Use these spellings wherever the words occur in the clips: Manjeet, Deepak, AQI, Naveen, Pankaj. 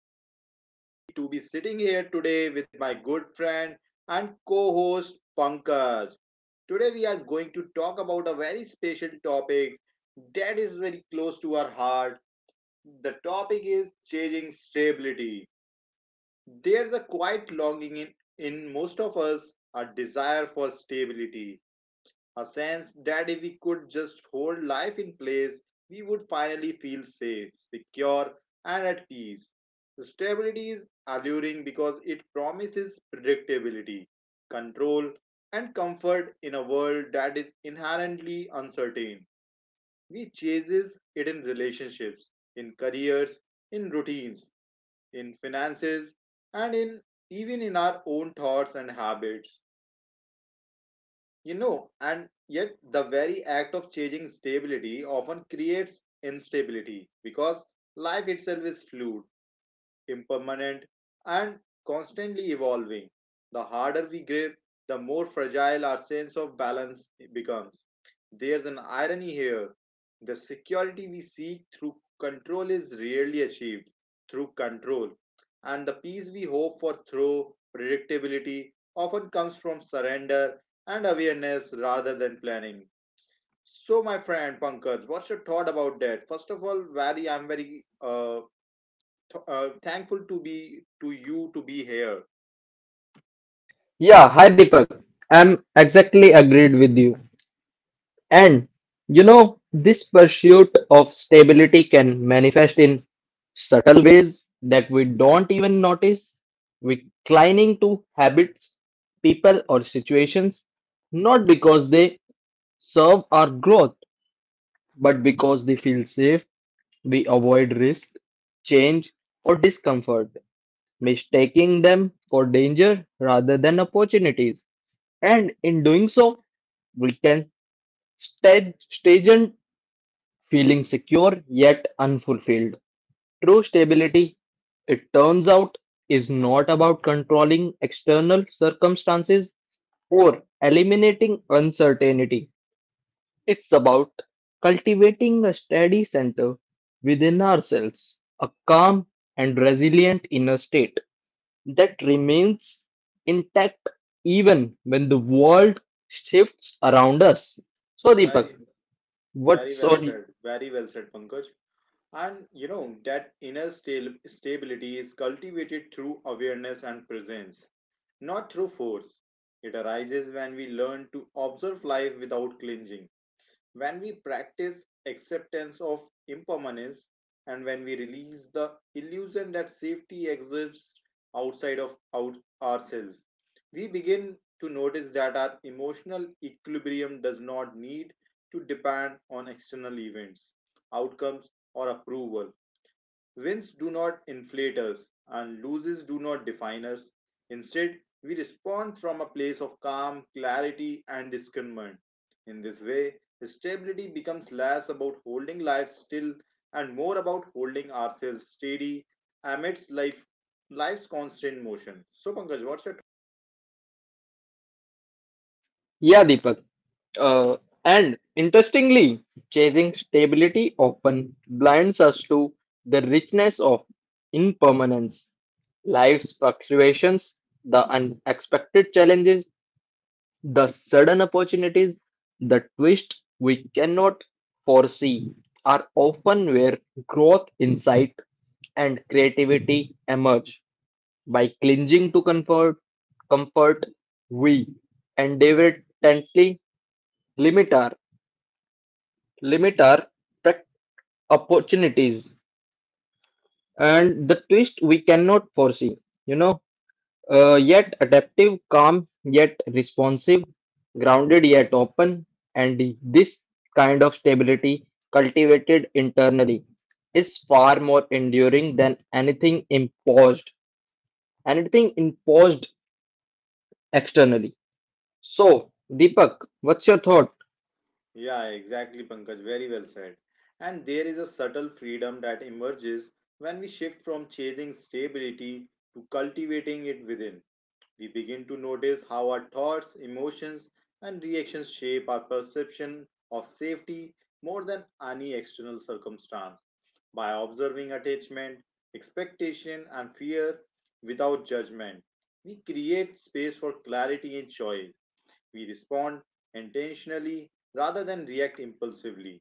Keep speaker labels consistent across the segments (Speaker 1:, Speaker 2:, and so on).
Speaker 1: I'm so happy to be sitting here today with my good friend and co host Pankaj. Today, we are going to talk about a very special topic that is very close to our heart. The topic is changing stability. There's a quiet longing in most of us, a desire for stability, a sense that if we could just hold life in place, we would finally feel safe, secure, and at peace. Stability is alluring because it promises predictability, control, and comfort in a world that is inherently uncertain. We chases it in relationships, in careers, in routines, in finances, and in even in our own thoughts and habits. And yet the very act of changing stability often creates instability because life itself is fluid, impermanent, and constantly evolving. The harder we grip, the more fragile our sense of balance becomes. There's an irony here. The security we seek through control is rarely achieved through control, and the peace we hope for through predictability often comes from surrender and awareness rather than planning. So, my friend Pankaj, what's your thought about that? First of all, very I'm very thankful to you to be here.
Speaker 2: Yeah, hi Deepak. I'm exactly agreed with you. And this pursuit of stability can manifest in subtle ways that we don't even notice. We clinging to habits, people, or situations not because they serve our growth, but because they feel safe. We avoid risk, change, or discomfort, mistaking them for danger rather than opportunities. And in doing so, we can stage in feeling secure yet unfulfilled. True stability, it turns out, is not about controlling external circumstances or eliminating uncertainty. It's about cultivating a steady center within ourselves, a calm and resilient inner state that remains intact even when the world shifts around us. So, Deepak,
Speaker 1: Very Very
Speaker 2: what?
Speaker 1: well said. Very well said, Pankaj. And you know that inner stability is cultivated through awareness and presence, not through force. It arises when we learn to observe life without clinging, when we practice acceptance of impermanence, and when we release the illusion that safety exists outside of ourselves. We begin to notice that our emotional equilibrium does not need to depend on external events, outcomes, or approval. Wins do not inflate us, and losses do not define us. Instead, we respond from a place of calm, clarity, and discernment. In this way, stability becomes less about holding life still and more about holding ourselves steady amidst life's constant motion. So, Pankaj, what's your
Speaker 2: Deepak, Uh, and interestingly, chasing stability often blinds us to the richness of impermanence, life's fluctuations, the unexpected challenges, the sudden opportunities, the twist we cannot foresee are often where growth, insight, and creativity emerge. By clinging to comfort, we endeavor tently limit our limit our prac- opportunities and the twist we cannot foresee. You know, yet adaptive, calm, yet responsive, grounded, yet open, and this kind of stability cultivated internally is far more enduring than anything imposed externally. So, Deepak, what's your thought?
Speaker 1: yeah, exactly, Pankaj. Very well said. And there is a subtle freedom that emerges when we shift from chasing stability to cultivating it within. We begin to notice how our thoughts, emotions, and reactions shape our perception of safety more than any external circumstance. By observing attachment, expectation, and fear without judgment, we create space for clarity and choice. We respond intentionally rather than react impulsively.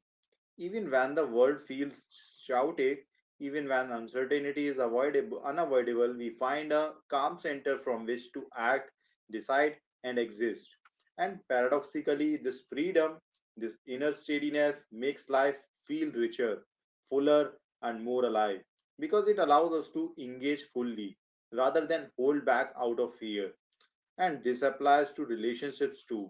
Speaker 1: Even when the world feels chaotic, even when uncertainty is avoidable, unavoidable, we find a calm center from which to act, decide, and exist. And paradoxically, this freedom, this inner steadiness makes life feel richer, fuller, and more alive because it allows us to engage fully rather than hold back out of fear. And this applies to relationships too.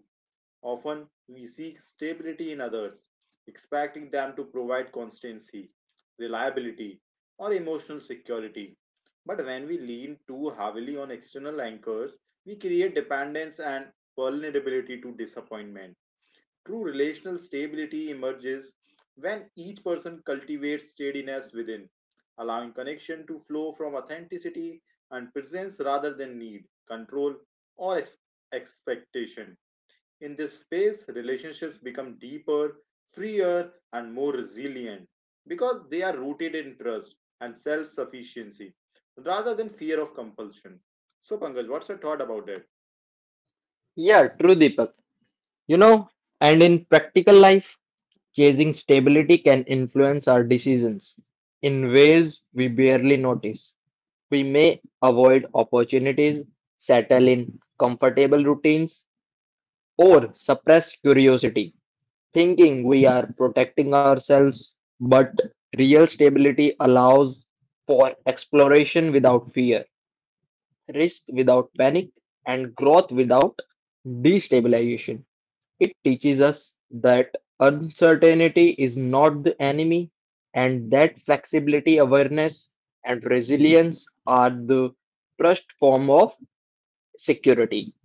Speaker 1: Often, we seek stability in others, expecting them to provide constancy, reliability, or emotional security. But when we lean too heavily on external anchors, we create dependence and vulnerability to disappointment. True relational stability emerges when each person cultivates steadiness within, allowing connection to flow from authenticity and presence rather than need, control, or expectation. In this space, relationships become deeper, freer, and more resilient because they are rooted in trust and self sufficiency rather than fear of compulsion. So, Pankaj, what's your thought about it?
Speaker 2: Yeah, true, Deepak. You know, and in practical life, chasing stability can influence our decisions in ways we barely notice. We may avoid opportunities, settle in comfortable routines, or suppress curiosity, thinking we are protecting ourselves. But real stability allows for exploration without fear, risk without panic, and growth without destabilization. It teaches us that uncertainty is not the enemy and that flexibility, awareness, and resilience are the first form of security.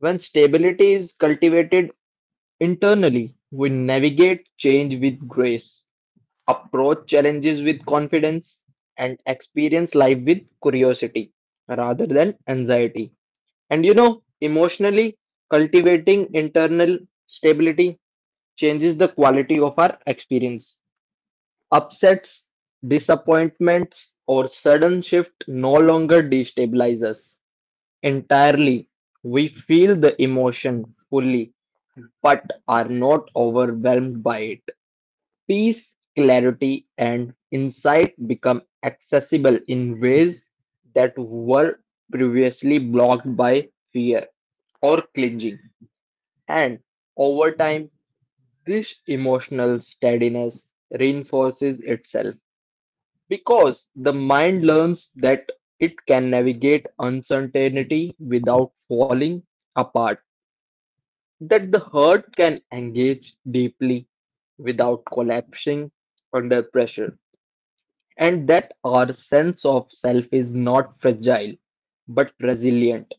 Speaker 2: When stability is cultivated internally, we navigate change with grace, approach challenges with confidence, and experience life with curiosity rather than anxiety. And emotionally, cultivating internal stability changes the quality of our experience. Upsets, disappointments, or sudden shift no longer destabilize us entirely. We feel the emotion fully, but are not overwhelmed by it. Peace, clarity, and insight become accessible in ways that were previously blocked by fear or clinging. And over time, this emotional steadiness reinforces itself because the mind learns that it can navigate uncertainty without falling apart, that the heart can engage deeply without collapsing under pressure, and that our sense of self is not fragile but resilient,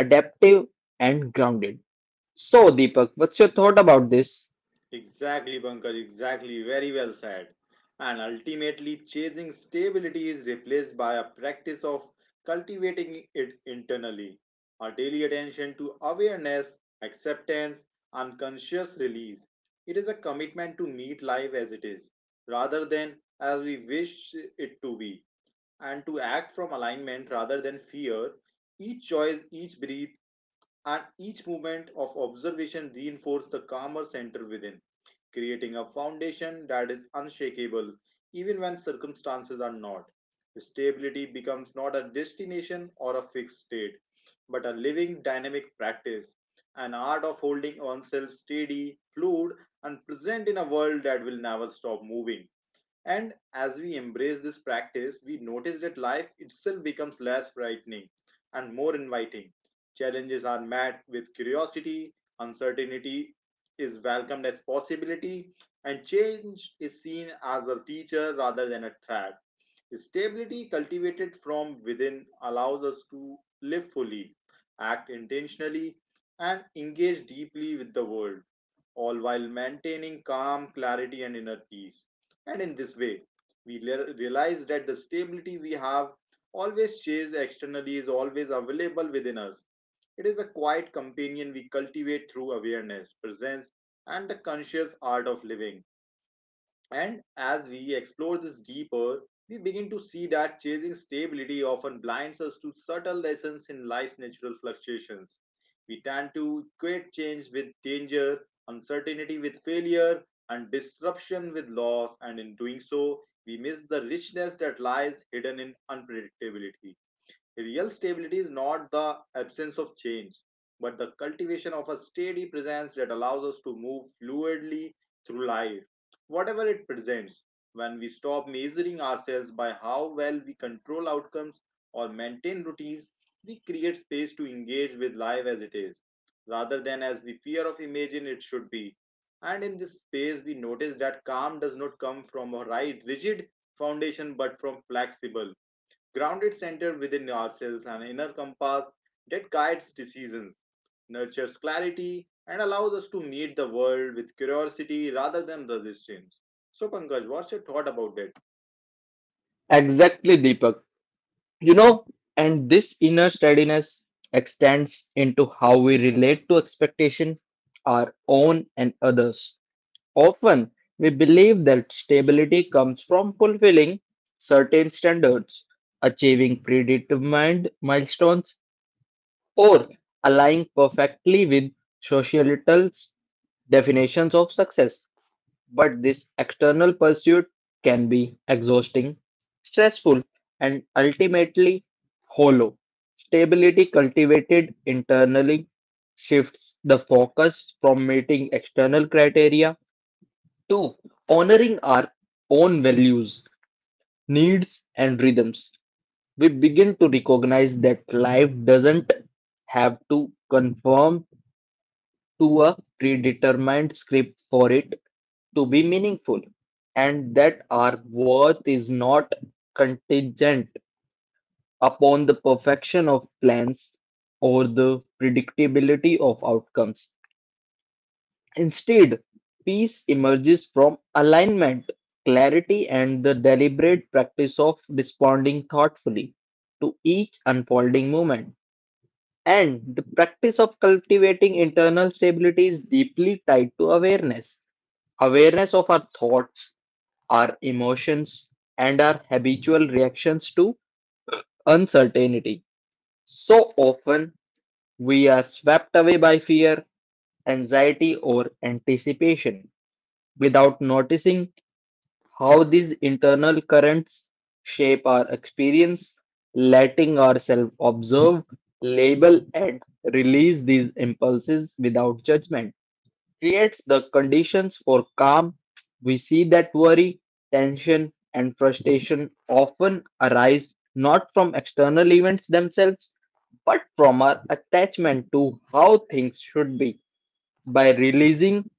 Speaker 2: adaptive, and grounded. So, Deepak, what's your thought about this?
Speaker 1: Exactly, Pankaj, exactly. Very well said. And ultimately, chasing stability is replaced by a practice of cultivating it internally. Our daily attention to awareness, acceptance, and conscious release. It is a commitment to meet life as it is, rather than as we wish it to be, and to act from alignment rather than fear. Each choice, each breath, and each moment of observation reinforces the calmer center within, creating a foundation that is unshakable even when circumstances are not. Stability becomes not a destination or a fixed state, but a living dynamic practice, an art of holding oneself steady, fluid, and present in a world that will never stop moving. And as we embrace this practice, we notice that life itself becomes less frightening and more inviting. Challenges are met with curiosity, uncertainty is welcomed as possibility, and change is seen as a teacher rather than a threat. Stability cultivated from within allows us to live fully, act intentionally, and engage deeply with the world, all while maintaining calm, clarity, and inner peace. And in this way, we realize that the stability we have always chased externally is always available within us. It is a quiet companion we cultivate through awareness, presence, and the conscious art of living. And as we explore this deeper, we begin to see that chasing stability often blinds us to subtle lessons in life's natural fluctuations. We tend to equate change with danger, uncertainty with failure, and disruption with loss, and in doing so, we miss the richness that lies hidden in unpredictability. Real stability is not the absence of change, but the cultivation of a steady presence that allows us to move fluidly through life, whatever it presents. When we stop measuring ourselves by how well we control outcomes or maintain routines, we create space to engage with life as it is, rather than as we fear of imagine it should be. And in this space, we notice that calm does not come from a right, rigid foundation but from flexible, grounded center within ourselves, an inner compass that guides decisions, nurtures clarity, and allows us to meet the world with curiosity rather than resistance. So, Pankaj, what's your thought about that?
Speaker 2: Exactly, Deepak. You know, and this inner steadiness extends into how we relate to expectation, our own and others. Often, we believe that stability comes from fulfilling certain standards, achieving predetermined milestones, or aligning perfectly with societal definitions of success. But this external pursuit can be exhausting, stressful, and ultimately hollow. Stability cultivated internally shifts the focus from meeting external criteria to honoring our own values, needs, and rhythms. We begin to recognize that life doesn't have to conform to a predetermined script for it to be meaningful, and that our worth is not contingent upon the perfection of plans or the predictability of outcomes. Instead, peace emerges from alignment, clarity, and the deliberate practice of responding thoughtfully to each unfolding moment. And the practice of cultivating internal stability is deeply tied to awareness. Awareness of our thoughts, our emotions, and our habitual reactions to uncertainty. So often, we are swept away by fear, anxiety, or anticipation without noticing how these internal currents shape our experience, letting ourselves observe, label, and release these impulses without judgment creates the conditions for calm. We see that worry, tension, and frustration often arise not from external events themselves, but from our attachment to how things should be. By releasing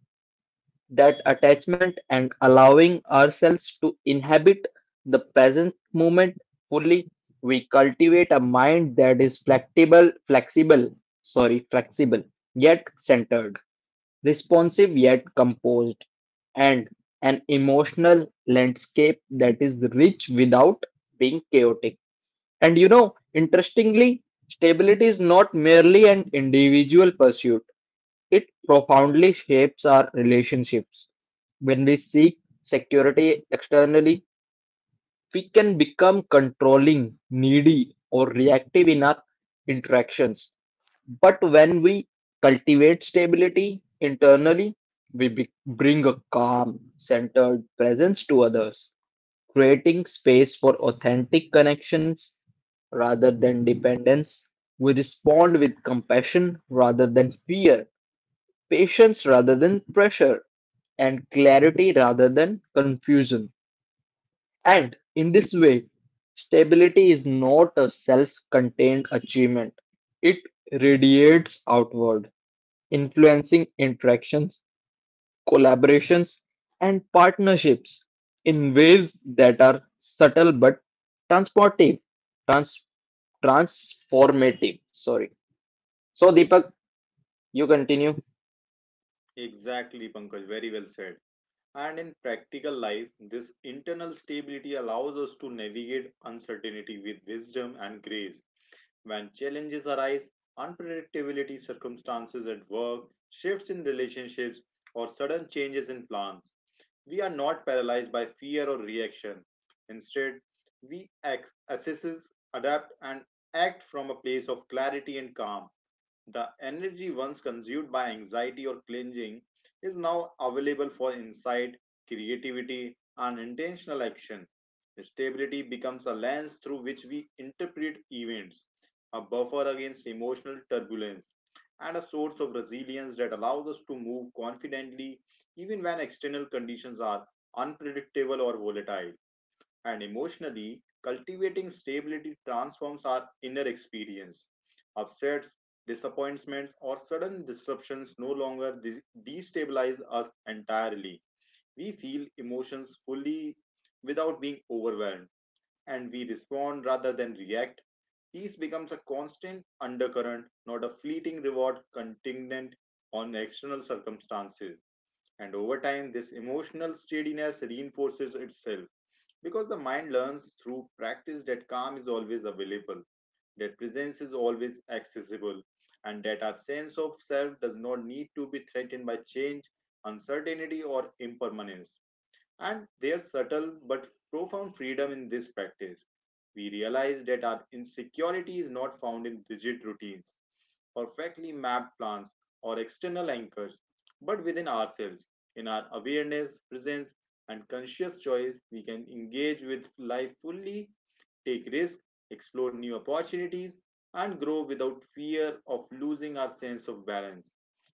Speaker 2: that attachment and allowing ourselves to inhabit the present moment fully, we cultivate a mind that is flexible, yet centered, responsive yet composed, and an emotional landscape that is rich without being chaotic. And interestingly, stability is not merely an individual pursuit, it profoundly shapes our relationships. When we seek security externally, we can become controlling, needy, or reactive in our interactions. But when we cultivate stability internally, we bring a calm, centered presence to others, creating space for authentic connections rather than dependence. We respond with compassion rather than fear, patience rather than pressure, and clarity rather than confusion. And in this way, stability is not a self contained achievement, it radiates outward influencing interactions, collaborations, and partnerships in ways that are subtle but transportive, trans- transformative. Sorry. So, Deepak, you continue.
Speaker 1: Exactly, Pankaj, very well said. And in practical life, this internal stability allows us to navigate uncertainty with wisdom and grace. When challenges arise, unpredictability, circumstances at work, shifts in relationships, or sudden changes in plans, we are not paralyzed by fear or reaction. Instead, we assess, adapt, and act from a place of clarity and calm. The energy once consumed by anxiety or cleansing is now available for insight, creativity, and intentional action. Stability becomes a lens through which we interpret events, a buffer against emotional turbulence, and a source of resilience that allows us to move confidently even when external conditions are unpredictable or volatile, and emotionally, cultivating stability transforms our inner experience. Upsets, disappointments, or sudden disruptions no longer destabilize us entirely. We feel emotions fully without being overwhelmed, and we respond rather than react. Peace becomes a constant undercurrent, not a fleeting reward contingent on external circumstances. And over time, this emotional steadiness reinforces itself because the mind learns through practice that calm is always available, that presence is always accessible, and that our sense of self does not need to be threatened by change, uncertainty, or impermanence. And there's subtle but profound freedom in this practice. We realize that our insecurity is not found in rigid routines, perfectly mapped plans, or external anchors, but within ourselves. In our awareness, presence, and conscious choice, we can engage with life fully, take risks, explore new opportunities, and grow without fear of losing our sense of balance.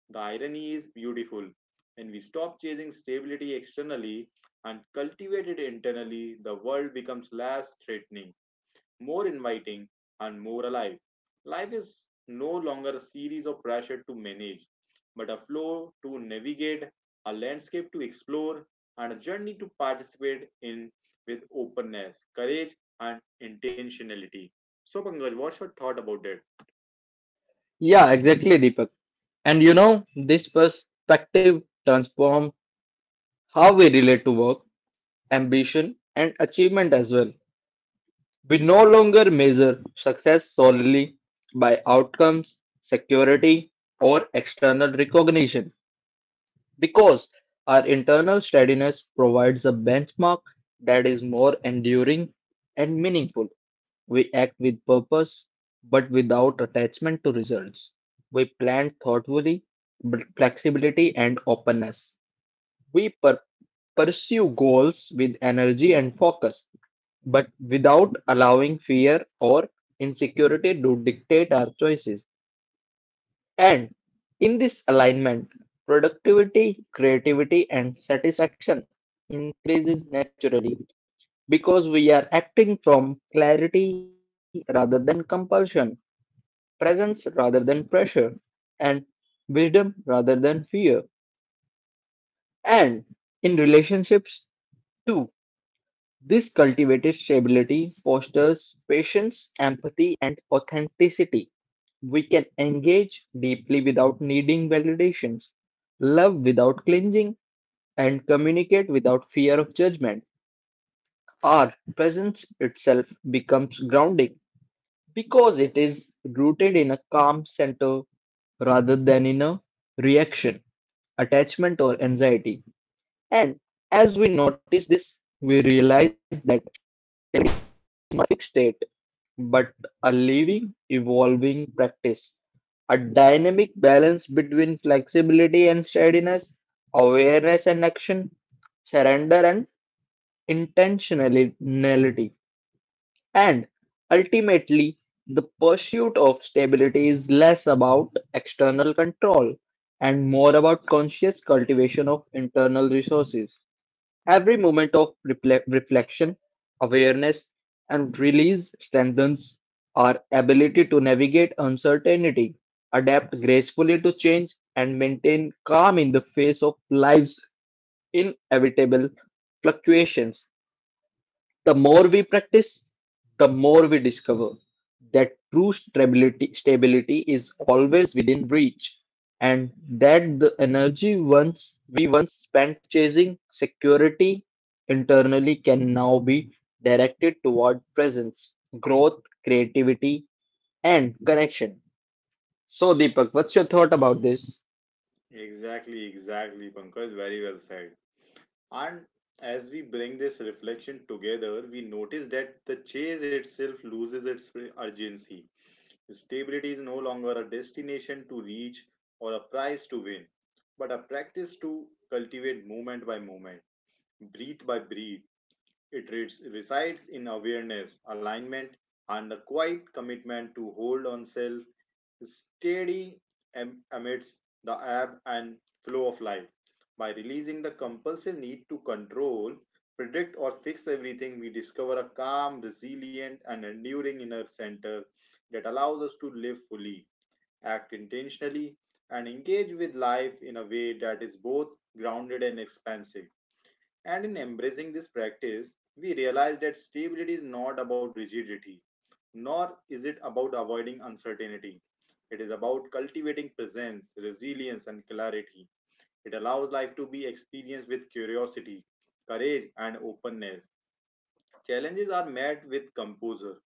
Speaker 1: The irony is beautiful. When we stop chasing stability externally and cultivate it internally, the world becomes less threatening, more inviting, and more alive. Life is no longer a series of pressure to manage, but a flow to navigate, a landscape to explore, and a journey to participate in with openness, courage, and intentionality. So, Pankaj, what's your thought about that?
Speaker 2: Yeah, exactly, Deepak. And this perspective transforms how we relate to work, ambition, and achievement as well. We no longer measure success solely by outcomes, security, or external recognition, because our internal steadiness provides a benchmark that is more enduring and meaningful. We act with purpose, but without attachment to results. We plan thoughtfully, with flexibility and openness. We pursue goals with energy and focus, but without allowing fear or insecurity to dictate our choices. And in this alignment, productivity, creativity and satisfaction increases naturally because we are acting from clarity rather than compulsion, presence rather than pressure, and wisdom rather than fear. And in relationships too, this cultivated stability fosters patience, empathy and authenticity. We can engage deeply without needing validations, love without clinging and communicate without fear of judgment. Our presence itself becomes grounding because it is rooted in a calm center rather than in a reaction, attachment, or anxiety. And as we notice this, we realize that fixed state, but a living, evolving practice, a dynamic balance between flexibility and steadiness, awareness and action, surrender and intentionality. And ultimately, the pursuit of stability is less about external control and more about conscious cultivation of internal resources. Every moment of reflection, awareness, and release strengthens our ability to navigate uncertainty, adapt gracefully to change, and maintain calm in the face of life's inevitable fluctuations. The more we practice, the more we discover that true stability is always within reach, and that the energy once we once spent chasing security internally can now be directed toward presence, growth, creativity, and connection. So, Deepak, what's your thought about this?
Speaker 1: Exactly, exactly, Pankaj. Very well said. And as we bring this reflection together, we notice that the chase itself loses its urgency. Stability is no longer a destination to reach or a prize to win, but a practice to cultivate moment by moment, breath by breath. It resides in awareness, alignment, and a quiet commitment to hold oneself steady amidst the ebb and flow of life. By releasing the compulsive need to control, predict, or fix everything, we discover a calm, resilient, and enduring inner center that allows us to live fully, act intentionally, and engage with life in a way that is both grounded and expansive. And in embracing this practice, we realize that stability is not about rigidity, nor is it about avoiding uncertainty. It is about cultivating presence, resilience, and clarity. It allows life to be experienced with curiosity, courage, and openness. Challenges are met with composure.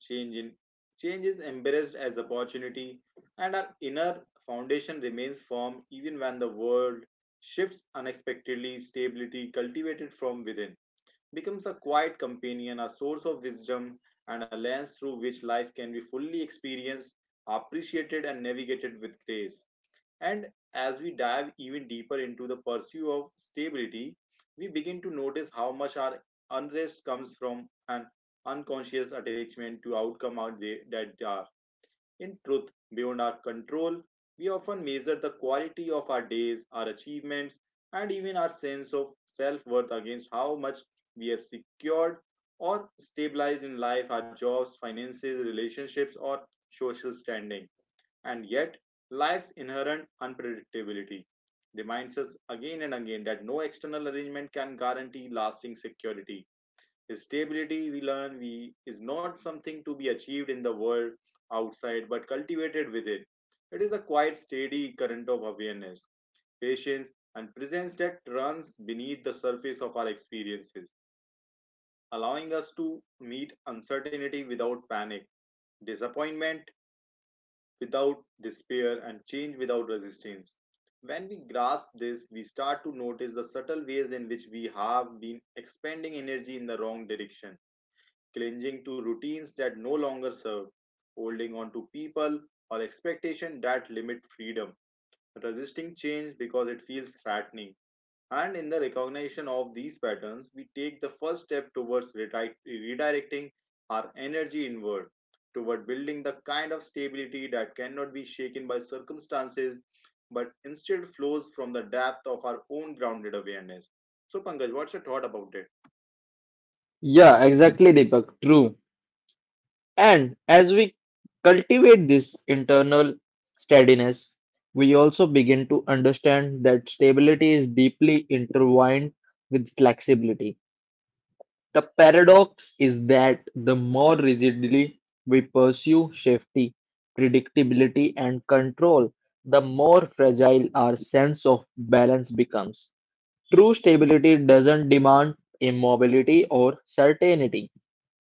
Speaker 1: Change, in, change is embraced as opportunity, and our inner foundation remains firm even when the world shifts unexpectedly. Stability cultivated from within becomes a quiet companion, a source of wisdom, and a lens through which life can be fully experienced, appreciated, and navigated with grace. And as we dive even deeper into the pursuit of stability, we begin to notice how much our unrest comes from an unconscious attachment to outcome out there that in truth, beyond our control, we often measure the quality of our days, our achievements, and even our sense of self worth against how much we have secured or stabilized in life, our jobs, finances, relationships, or social standing. And yet, life's inherent unpredictability reminds us again and again that no external arrangement can guarantee lasting security. Stability, we learn, we is not something to be achieved in the world outside, but cultivated within. It is a quiet, steady current of awareness, patience, and presence that runs beneath the surface of our experiences, allowing us to meet uncertainty without panic, disappointment without despair, and change without resistance. When we grasp this, we start to notice the subtle ways in which we have been expending energy in the wrong direction, clinging to routines that no longer serve, holding on to people or expectation that limit freedom, resisting change because it feels threatening. And in the recognition of these patterns, we take the first step towards redirecting our energy inward, toward building the kind of stability that cannot be shaken by circumstances, but instead flows from the depth of our own grounded awareness. So, Pankaj, what's your thought about it?
Speaker 2: Yeah, exactly, Deepak. True. And as we cultivate this internal steadiness, we also begin to understand that stability is deeply intertwined with flexibility. The paradox is that the more rigidly we pursue safety, predictability, and control, the more fragile our sense of balance becomes. True stability doesn't demand immobility or certainty.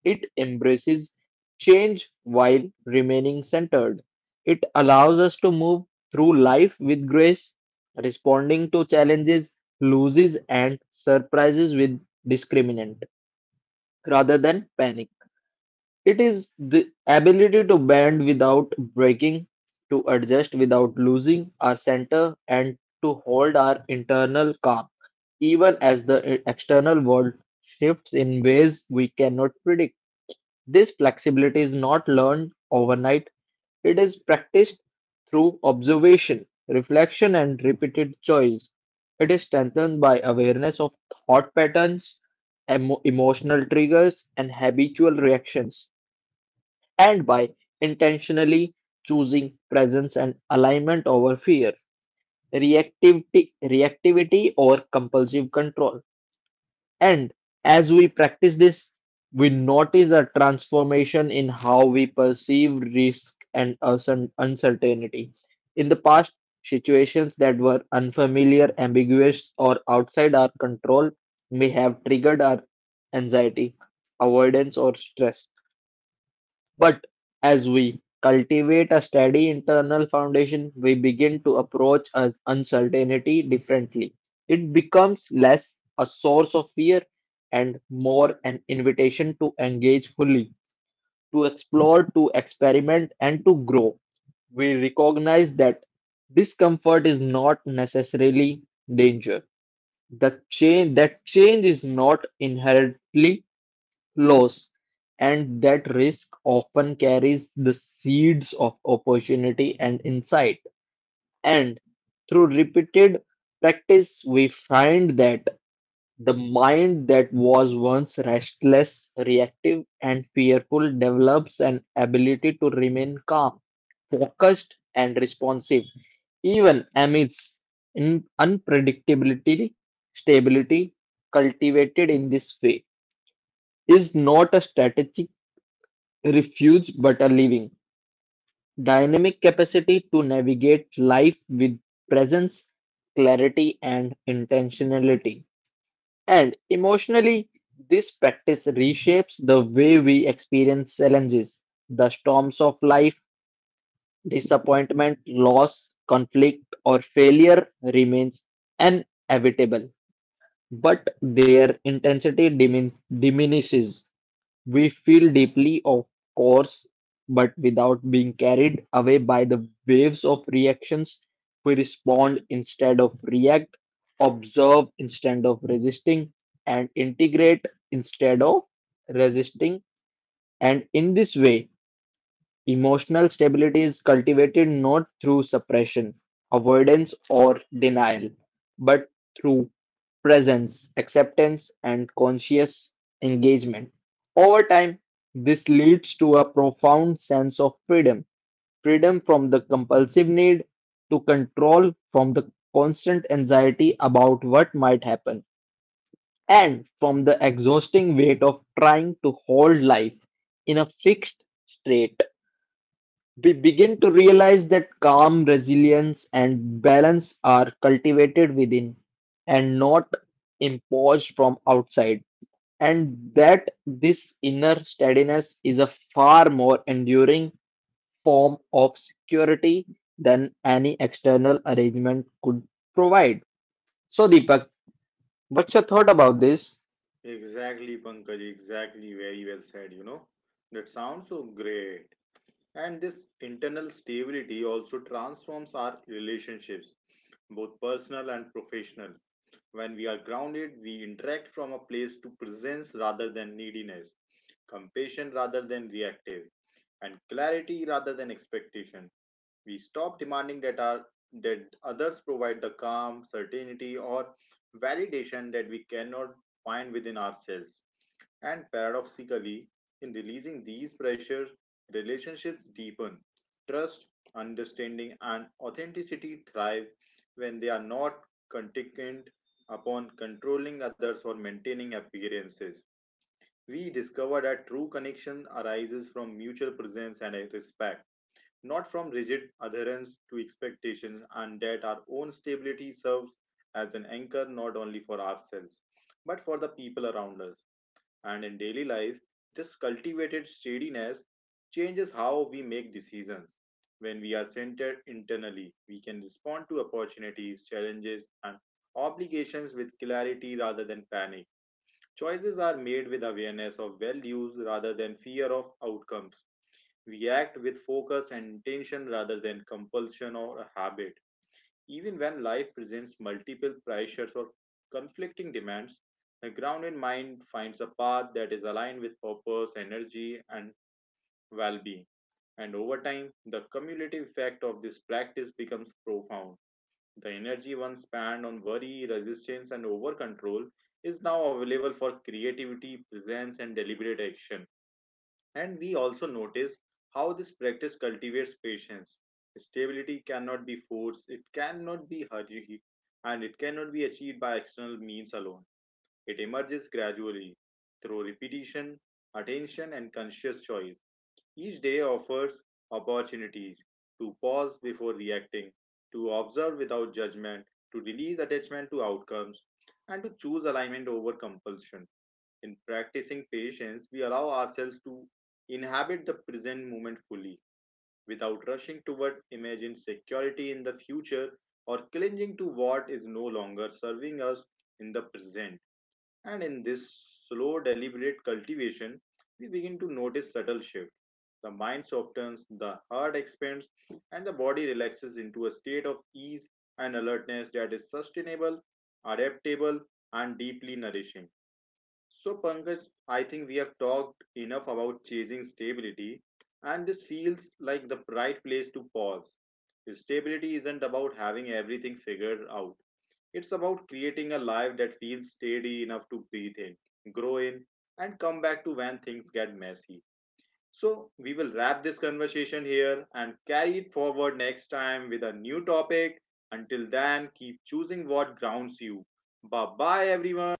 Speaker 2: It embraces change while remaining centered. It allows us to move through life with grace, responding to challenges, losses, and surprises with discriminant rather than panic. It is the ability to bend without breaking, to adjust without losing our center, and to hold our internal calm, even as the external world shifts in ways we cannot predict. This flexibility is not learned overnight, it is practiced through observation, reflection, and repeated choice. It is strengthened by awareness of thought patterns, emotional triggers, and habitual reactions and by intentionally choosing presence and alignment over fear, reactivity or compulsive control. And as we practice this, we notice a transformation in how we perceive risk and uncertainty. In the past, situations that were unfamiliar, ambiguous, or outside our control may have triggered our anxiety, avoidance, or stress. But as we cultivate a steady internal foundation, we begin to approach uncertainty differently. It becomes less a source of fear and more an invitation to engage fully, to explore, to experiment, and to grow. We recognize that discomfort is not necessarily danger. The change is not inherently loss, and that risk often carries the seeds of opportunity and insight. And through repeated practice, we find that the mind that was once restless, reactive, and fearful develops an ability to remain calm, focused, and responsive, even amidst in unpredictability, stability cultivated in this way is not a strategic refuse but are living, dynamic capacity to navigate life with presence, clarity, and intentionality. And emotionally, this practice reshapes the way we experience challenges, the storms of life, disappointment, loss, conflict, or failure remains inevitable, but their intensity diminishes. We feel deeply, of course, but without being carried away by the waves of reactions, we respond instead of react, observe instead of resisting, and integrate instead of resisting. And in this way, emotional stability is cultivated not through suppression, avoidance, or denial, but through presence, acceptance, and conscious engagement. Over time, this leads to a profound sense of freedom freedom from the compulsive need to control, from the constant anxiety about what might happen, and from the exhausting weight of trying to hold life in a fixed state. We begin to realize that calm, resilience, and balance are cultivated within and not imposed from outside, and that this inner steadiness is a far more enduring form of security than any external arrangement could provide. So, Deepak, what's your thought about this?
Speaker 1: Exactly, Pankaj, exactly. Very well said, you know. That sounds so great. And this internal stability also transforms our relationships, both personal and professional. When we are grounded, we interact from a place to presence rather than neediness, compassion rather than reactive, and clarity rather than expectation. We stop demanding that others provide the calm, certainty, or validation that we cannot find within ourselves, and paradoxically, in releasing these pressures, relationships deepen. Trust, understanding, and authenticity thrive when they are not contingent upon controlling others or maintaining appearances. We discover that true connection arises from mutual presence and respect, not from rigid adherence to expectations, and that our own stability serves as an anchor not only for ourselves, but for the people around us. And in daily life, this cultivated steadiness changes how we make decisions. When we are centered internally, we can respond to opportunities, challenges, and obligations with clarity rather than panic. Choices are made with awareness of values rather than fear of outcomes. We act with focus and intention rather than compulsion or a habit. Even when life presents multiple pressures or conflicting demands, a grounded mind finds a path that is aligned with purpose, energy, and well being. And over time, the cumulative effect of this practice becomes profound. The energy once spent on worry, resistance, and over control is now available for creativity, presence, and deliberate action, and we also notice how this practice cultivates patience. Stability cannot be forced, it cannot be hurried, and it cannot be achieved by external means alone. It emerges gradually through repetition, attention, and conscious choice. Each day offers opportunities to pause before reacting, to observe without judgment, to release attachment to outcomes, and to choose alignment over compulsion. In practicing patience, we allow ourselves to inhabit the present moment fully without rushing toward imagined security in the future or clinging to what is no longer serving us in the present. And in this slow, deliberate cultivation, we begin to notice subtle shifts. The mind softens, the heart expands, and the body relaxes into a state of ease and alertness that is sustainable, adaptable, and deeply nourishing. So, Pankaj, I think we have talked enough about chasing stability, and this feels like the right place to pause. Stability isn't about having everything figured out, it's about creating a life that feels steady enough to breathe in, grow in, and come back to when things get messy. So, we will wrap this conversation here and carry it forward next time with a new topic. Until then, keep choosing what grounds you. Bye bye, everyone.